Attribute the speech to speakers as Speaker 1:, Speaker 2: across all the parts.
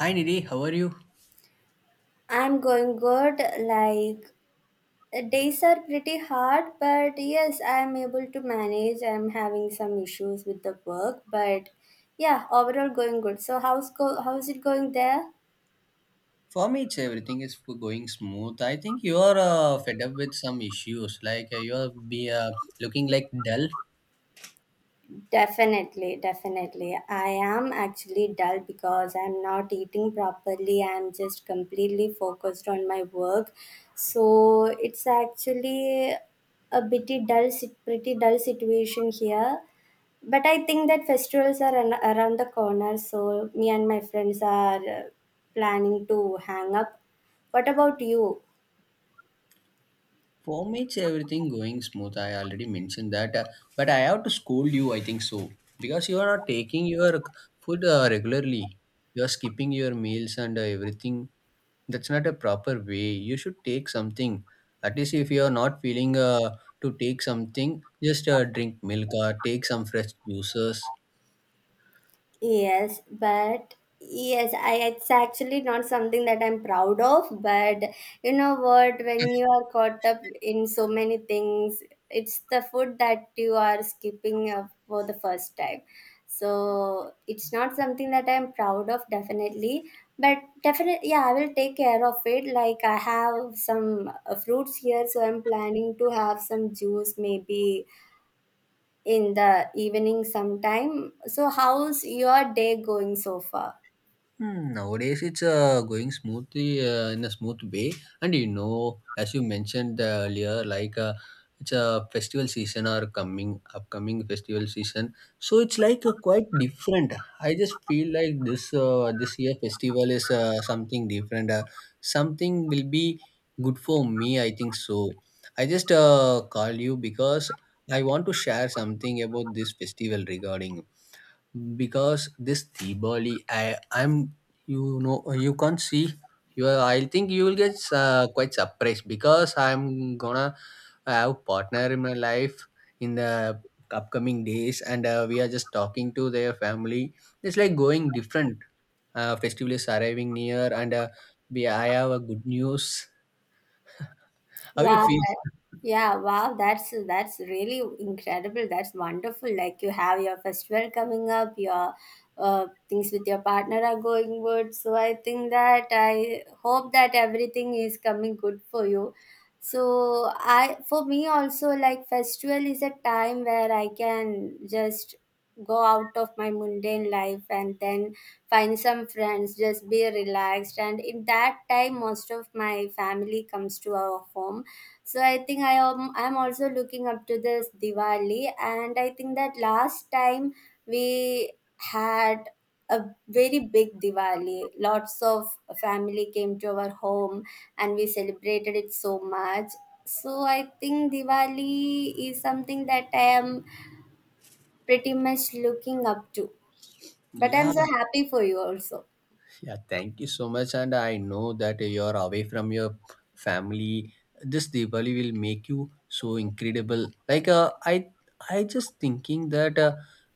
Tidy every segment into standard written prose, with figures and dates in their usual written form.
Speaker 1: Hi Nidhi, how are you?
Speaker 2: I'm going good. Like days are pretty hard, but yes, I'm able to manage. I'm having some issues with the work, but yeah, overall going good. So how's it going there?
Speaker 1: For me, it's everything is going smooth. I think you're fed up with some issues, like you're be looking like dull.
Speaker 2: Definitely, definitely. I am actually dull because I'm not eating properly. I'm just completely focused on my work. So it's actually a pretty pretty dull situation here. But I think that festivals are around the corner, so me and my friends are planning to hang up. What about you?
Speaker 1: For me, it's everything going smooth. I already mentioned that, but I have to scold you, I think so, because you are not taking your food regularly. You're skipping your meals and everything. That's not a proper way. You should take something. At least if you're not feeling to take something, just drink milk or take some fresh juices.
Speaker 2: Yes, but yes, I it's actually not something that I'm proud of, but you know what, when you are caught up in so many things, it's the food that you are skipping for the first time. So it's not something that I'm proud of, definitely. But definitely, yeah, I will take care of it. Like I have some fruits here, so I'm planning to have some juice, maybe in the evening sometime. So, how's your day going so far?
Speaker 1: Hmm, nowadays it's going smoothly in a smooth way. And you know, as you mentioned earlier, like it's a festival season, or coming upcoming festival season, so it's like quite different. I just feel like this this year festival is something different, something will be good for me, I think so. I just call you because I want to share something about this festival regarding, because this Deepavali, I'm you know, you can't see you. I think you will get quite surprised because I'm gonna have partner in my life in the upcoming days, and we are just talking to their family. It's like going different. Festival is arriving near, and we I have a good news. How you
Speaker 2: Wow.
Speaker 1: feel?
Speaker 2: Yeah, wow, that's really incredible. That's wonderful. Like you have your festival coming up, your things with your partner are going good. So I think that I hope that everything is coming good for you. So I for me also, like, festival is a time where I can just go out of my mundane life and then find some friends, just be relaxed. And in that time most of my family comes to our home, so I think I'm also looking up to this Diwali. And I think that last time we had a very big Diwali. Lots of family came to our home and we celebrated it so much. So I think Diwali is something that I am pretty much looking up to. But I'm
Speaker 1: Yeah.
Speaker 2: so happy for you also.
Speaker 1: Yeah, thank you so much. And I know that you're away from your family. This Diwali will make you so incredible. Like I just thinking that, uh,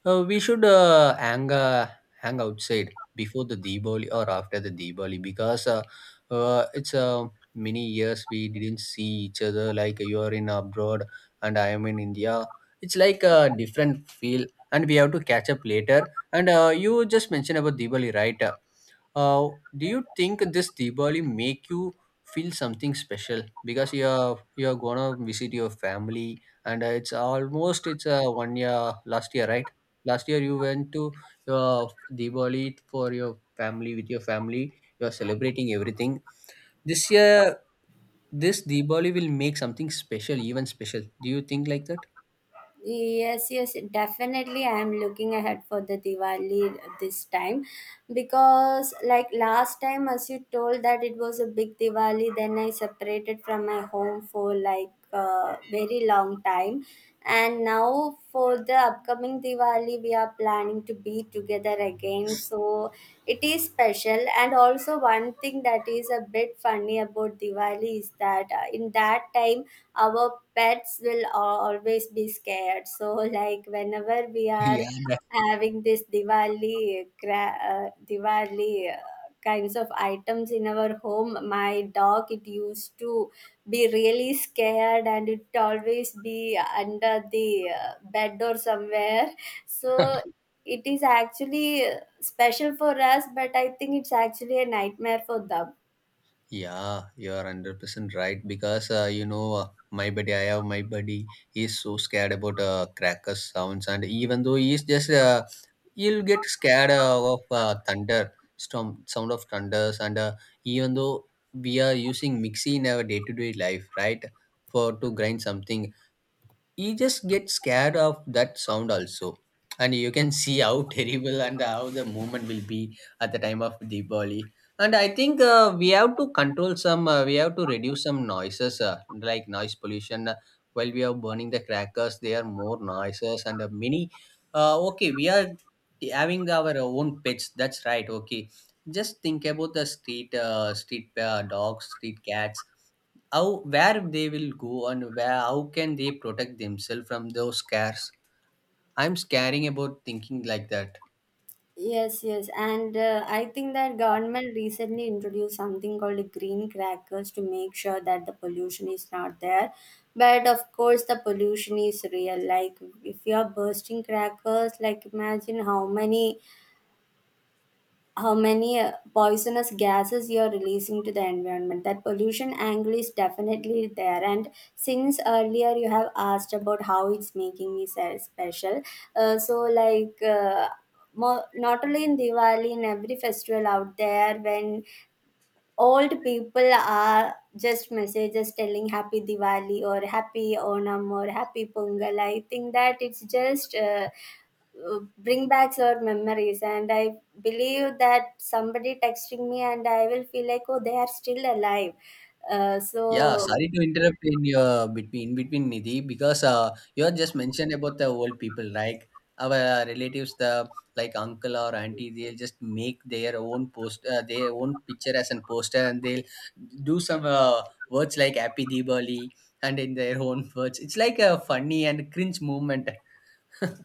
Speaker 1: uh, we should hang outside before the Diwali or after the Diwali, because it's many years we didn't see each other. Like you are in abroad and I am in India. It's like a different feel, and we have to catch up later. And you just mentioned about Diwali, right? Do you think this Diwali make you feel something special because you're gonna visit your family and it's one year last year, right? Last year you went to your Diwali for your family, with your family you're celebrating everything. This year, this Diwali will make something special, even special, do you think like that?
Speaker 2: Yes, yes, definitely I am looking ahead for the Diwali this time, because like last time as you told, that it was a big Diwali. Then I separated from my home for like very long time, and now for the upcoming Diwali we are planning to be together again, so it is special. And also one thing that is a bit funny about Diwali is that in that time our pets will always be scared. So like whenever we are
Speaker 1: Yeah,
Speaker 2: having this Diwali kinds of items in our home, my dog, it used to be really scared and it always be under the bed or somewhere. So it is actually special for us, but I think it's actually a nightmare for them.
Speaker 1: yeah, you are 100% right. Because my buddy, I have my buddy. He's so scared about crackers sounds, and even though he'll get scared of thunder storm sound of thunders. And even though we are using mixie in our day to day life, right, for to grind something, you just get scared of that sound also. And you can see how terrible and how the movement will be at the time of Diwali. And I think we have to reduce some noises, like noise pollution. While we are burning the crackers, there are more noises, and many okay, we are having our own pets, that's right, okay. Just think about the street dogs, street cats. How, where they will go, and where, how can they protect themselves from those scares? I'm scaring about thinking like that.
Speaker 2: Yes, yes, and I think that government recently introduced something called the green crackers to make sure that the pollution is not there. But of course, the pollution is real. Like, if you are bursting crackers, like, imagine how many poisonous gases you're releasing to the environment. That pollution angle is definitely there. And since earlier you have asked about how it's making me special, so more, not only in Diwali, in every festival out there, when old people are just messages telling happy Diwali or happy Onam or happy Pongal, I think that it's just bring back our memories. And I believe that somebody texting me, and I will feel like, oh, they are still alive. uh, so
Speaker 1: Yeah, sorry to interrupt in your between, in between Nidhi. Because you have just mentioned about the old people, like our relatives, the, like uncle or auntie, they'll just make their own post, their own picture as a poster, and they'll do some words like happy Diwali. And in their own words, it's like a funny and cringe moment.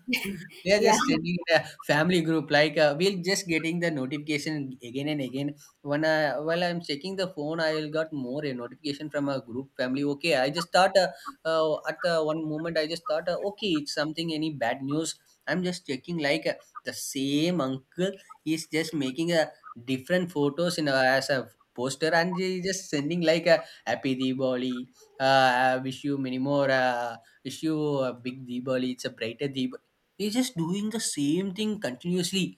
Speaker 1: We are just sending in a family group, like we're just getting the notification again and again. When I, while I'm checking the phone, I will got more a notification from a group family. Okay, I just thought, at the one moment I just thought, okay, it's something, any bad news? I'm just checking, like the same uncle is just making a different photos in a, as a poster, and he just sending like a happy Diwali. I wish you many more, wish you a big Diwali, it's a brighter Diwali. He's just doing the same thing continuously.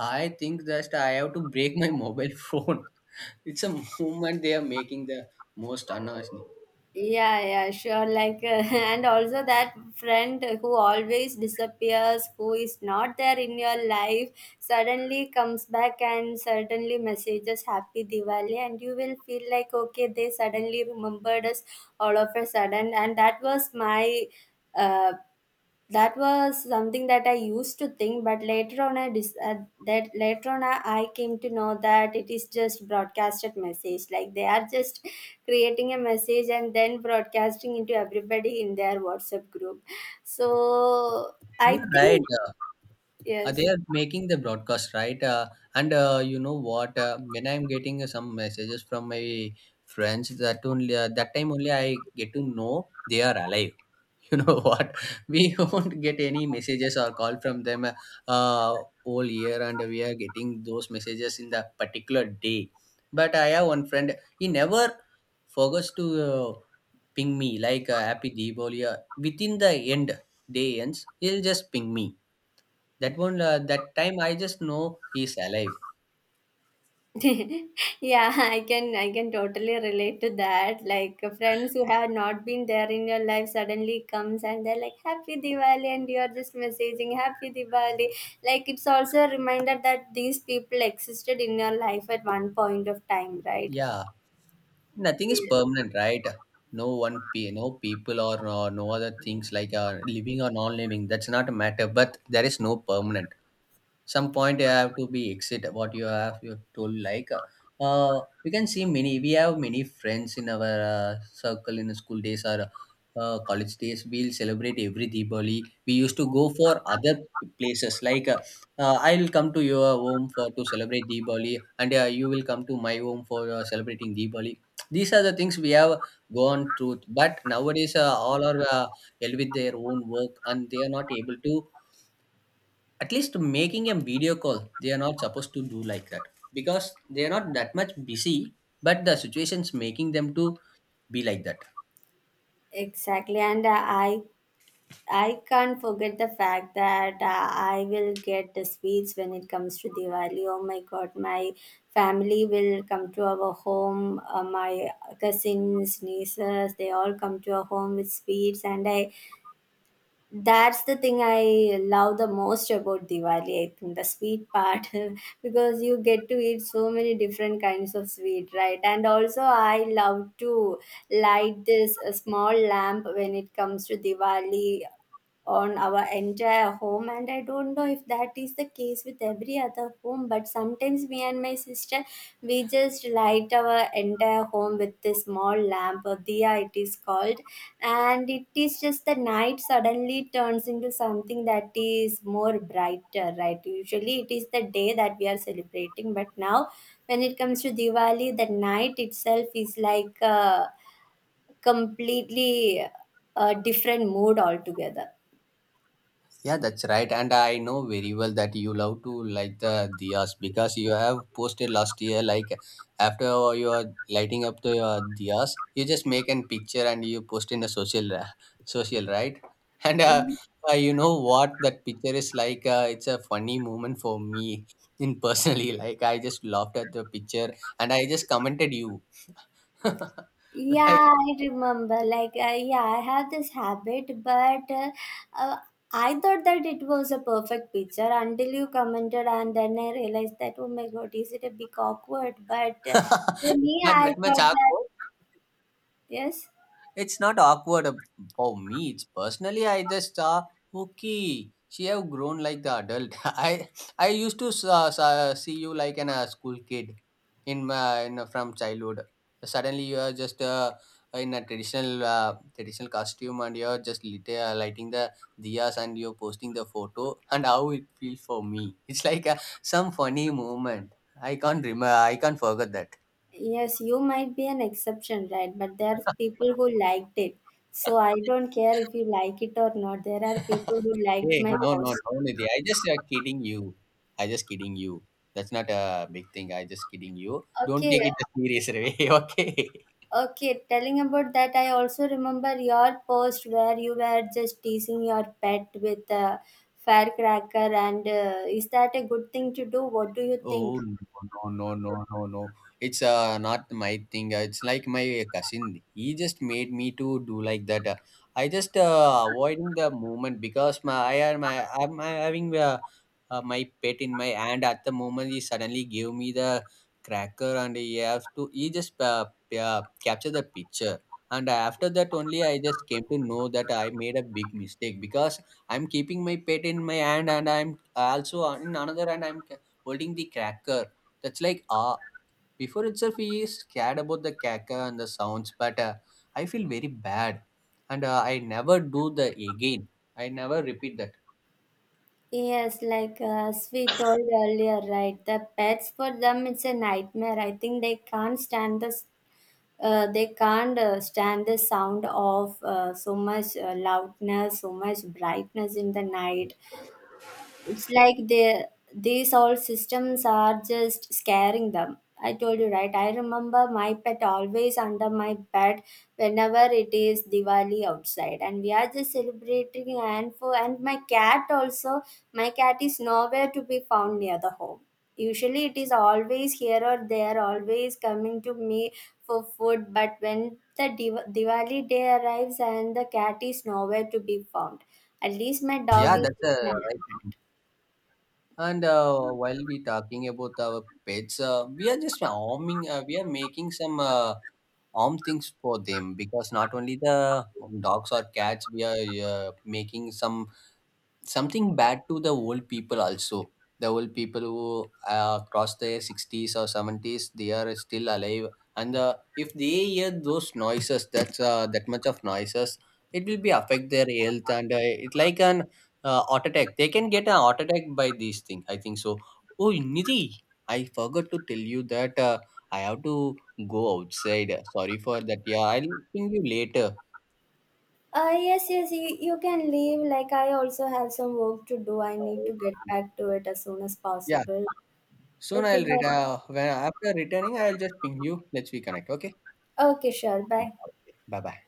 Speaker 1: I think that I have to break my mobile phone. It's a movement, they are making the most annoying.
Speaker 2: Yeah, yeah, sure. Like, and also that friend who always disappears, who is not there in your life, suddenly comes back and suddenly messages Happy Diwali, and you will feel like, okay, they suddenly remembered us all of a sudden. And that was my. Uh, that was something that I used to think, but later on I dis- that later on I came to know that it is just broadcasted message. Like, they are just creating a message and then broadcasting into everybody in their WhatsApp group, so I
Speaker 1: You're right.
Speaker 2: think
Speaker 1: They
Speaker 2: yes.
Speaker 1: are making the broadcast, right? And you know what? When I'm getting some messages from my friends, that only that time only, I get to know they are alive. You know what, we won't get any messages or call from them uh, all year, and we are getting those messages in that particular day. But I have one friend, he never forgets to ping me like happy Diwali, within the end, day ends, he'll just ping me. That time I just know he's alive.
Speaker 2: Yeah, I can totally relate to that. Like, friends who have not been there in your life suddenly comes and they're like happy Diwali, and you're just messaging happy Diwali. Like, it's also a reminder that these people existed in your life at one point of time, right?
Speaker 1: Yeah, nothing is
Speaker 2: Yeah,
Speaker 1: permanent, right? No one no people, or no, no other things, like living or non-living, that's not a matter, but there is no permanent. Some point you have to be exit, what you have, you have told. Like, we can see many, we have many friends in our circle in school days, or college days, we'll celebrate every Diwali. We used to go for other places, like I'll come to your home for to celebrate Diwali, and you will come to my home for celebrating Diwali. These are the things we have gone through. But nowadays, all are held with their own work, and they are not able to, at least making a video call, they are not supposed to do like that, because they are not that much busy, but the situation's making them to be like that.
Speaker 2: exactly, and I I can't forget the fact that I will get the sweets when it comes to Diwali. Oh my god, my family will come to our home. My cousins, nieces, they all come to our home with sweets, and I that's the thing I love the most about Diwali. I think the sweet part, because you get to eat so many different kinds of sweet, right? And also, I love to light this small lamp when it comes to Diwali on our entire home. And I don't know if that is the case with every other home, but sometimes me and my sister, we just light our entire home with this small lamp, or diya it is called. And it is just, the night suddenly turns into something that is more brighter, right? Usually it is the day that we are celebrating, but now when it comes to Diwali, the night itself is like a completely a different mood altogether.
Speaker 1: Yeah, that's right. And I know very well that you love to light the diyas, because you have posted last year, like, after you are lighting up the diyas, you just make an picture and you post in the social, right? And you know what that picture is like? It's a funny moment for me, in personally. Like, I just laughed at the picture, and I just commented you. Like,
Speaker 2: Yeah, I remember. Like, yeah, I have this habit, but uh, I thought that it was a perfect picture until you commented, and then I realized that, oh my god, is it a bit awkward? But to
Speaker 1: it's
Speaker 2: me,
Speaker 1: not
Speaker 2: I
Speaker 1: that much
Speaker 2: thought that,
Speaker 1: awkward.
Speaker 2: yes,
Speaker 1: It's not awkward, for me. It's personally, I just, okay, she have grown like the adult. I used to see you like an school kid in my in, from childhood. Suddenly you are just in a traditional costume, and you are just lighting the diyas, and you're posting the photo, and how it feels for me. It's like some funny moment. I can't remember. I can't forget that.
Speaker 2: yes, you might be an exception, right? But there are people who liked it. So I don't care if you like it or not. There are people who
Speaker 1: Hey,
Speaker 2: liked my
Speaker 1: no, no,
Speaker 2: post.
Speaker 1: no, Nidhi, I just kidding you. I just kidding you. That's not a big thing, I just kidding you. Don't
Speaker 2: Okay,
Speaker 1: take it a serious way, okay?
Speaker 2: okay, telling about that, I also remember your post where you were just teasing your pet with a firecracker, and is that a good thing to do? What do you think?
Speaker 1: Oh, no, no, no, no, no! No! It's not my thing. It's like my cousin, he just made me to do like that. I just avoiding the movement because my I am my I'm having my pet in my hand at the moment. He suddenly gave me the cracker, and he have to, he just capture the picture. And after that only, I just came to know that I made a big mistake, because I'm keeping my pet in my hand, and I'm also, in another hand, I'm holding the cracker. That's like, before itself, he is scared about the cracker and the sounds, but I feel very bad. And I never do the again. I never repeat that.
Speaker 2: Yes, like as we told earlier, right? The pets, for them it's a nightmare. I think they can't stand this. They can't stand the sound of so much loudness, so much brightness in the night. It's like they these old systems are just scaring them. I told you, right? I remember my pet always under my bed whenever it is Diwali outside, and we are just celebrating. And my cat also, my cat is nowhere to be found near the home. Usually, it is always here or there, always coming to me for food. But when the Diwali day arrives and the cat is nowhere to be found, at least my
Speaker 1: Yeah,
Speaker 2: dog is
Speaker 1: that's
Speaker 2: sitting.
Speaker 1: right. And while we talking about our pets, we are just arming. We are making some arm things for them, because not only the dogs or cats, we are uh, making something bad to the old people also. The old people who cross their 60s or 70s, they are still alive, and if they hear those noises, that's that much of noises, it will be affect their health. And it like an heart attack, they can get a heart attack by these things, I think so. Oh, Nidhi, I forgot to tell you that I have to go outside, sorry for that, yeah, I'll ping you later.
Speaker 2: Yes, yes, you can leave. Like, I also have some work to do. I need
Speaker 1: Uh,
Speaker 2: to get back to it as soon as
Speaker 1: yeah,
Speaker 2: possible.
Speaker 1: soon
Speaker 2: Okay,
Speaker 1: I'll
Speaker 2: bye.
Speaker 1: retire. When after returning, I'll just ping you. Let's reconnect, okay.
Speaker 2: Okay, sure. Bye.
Speaker 1: Bye bye.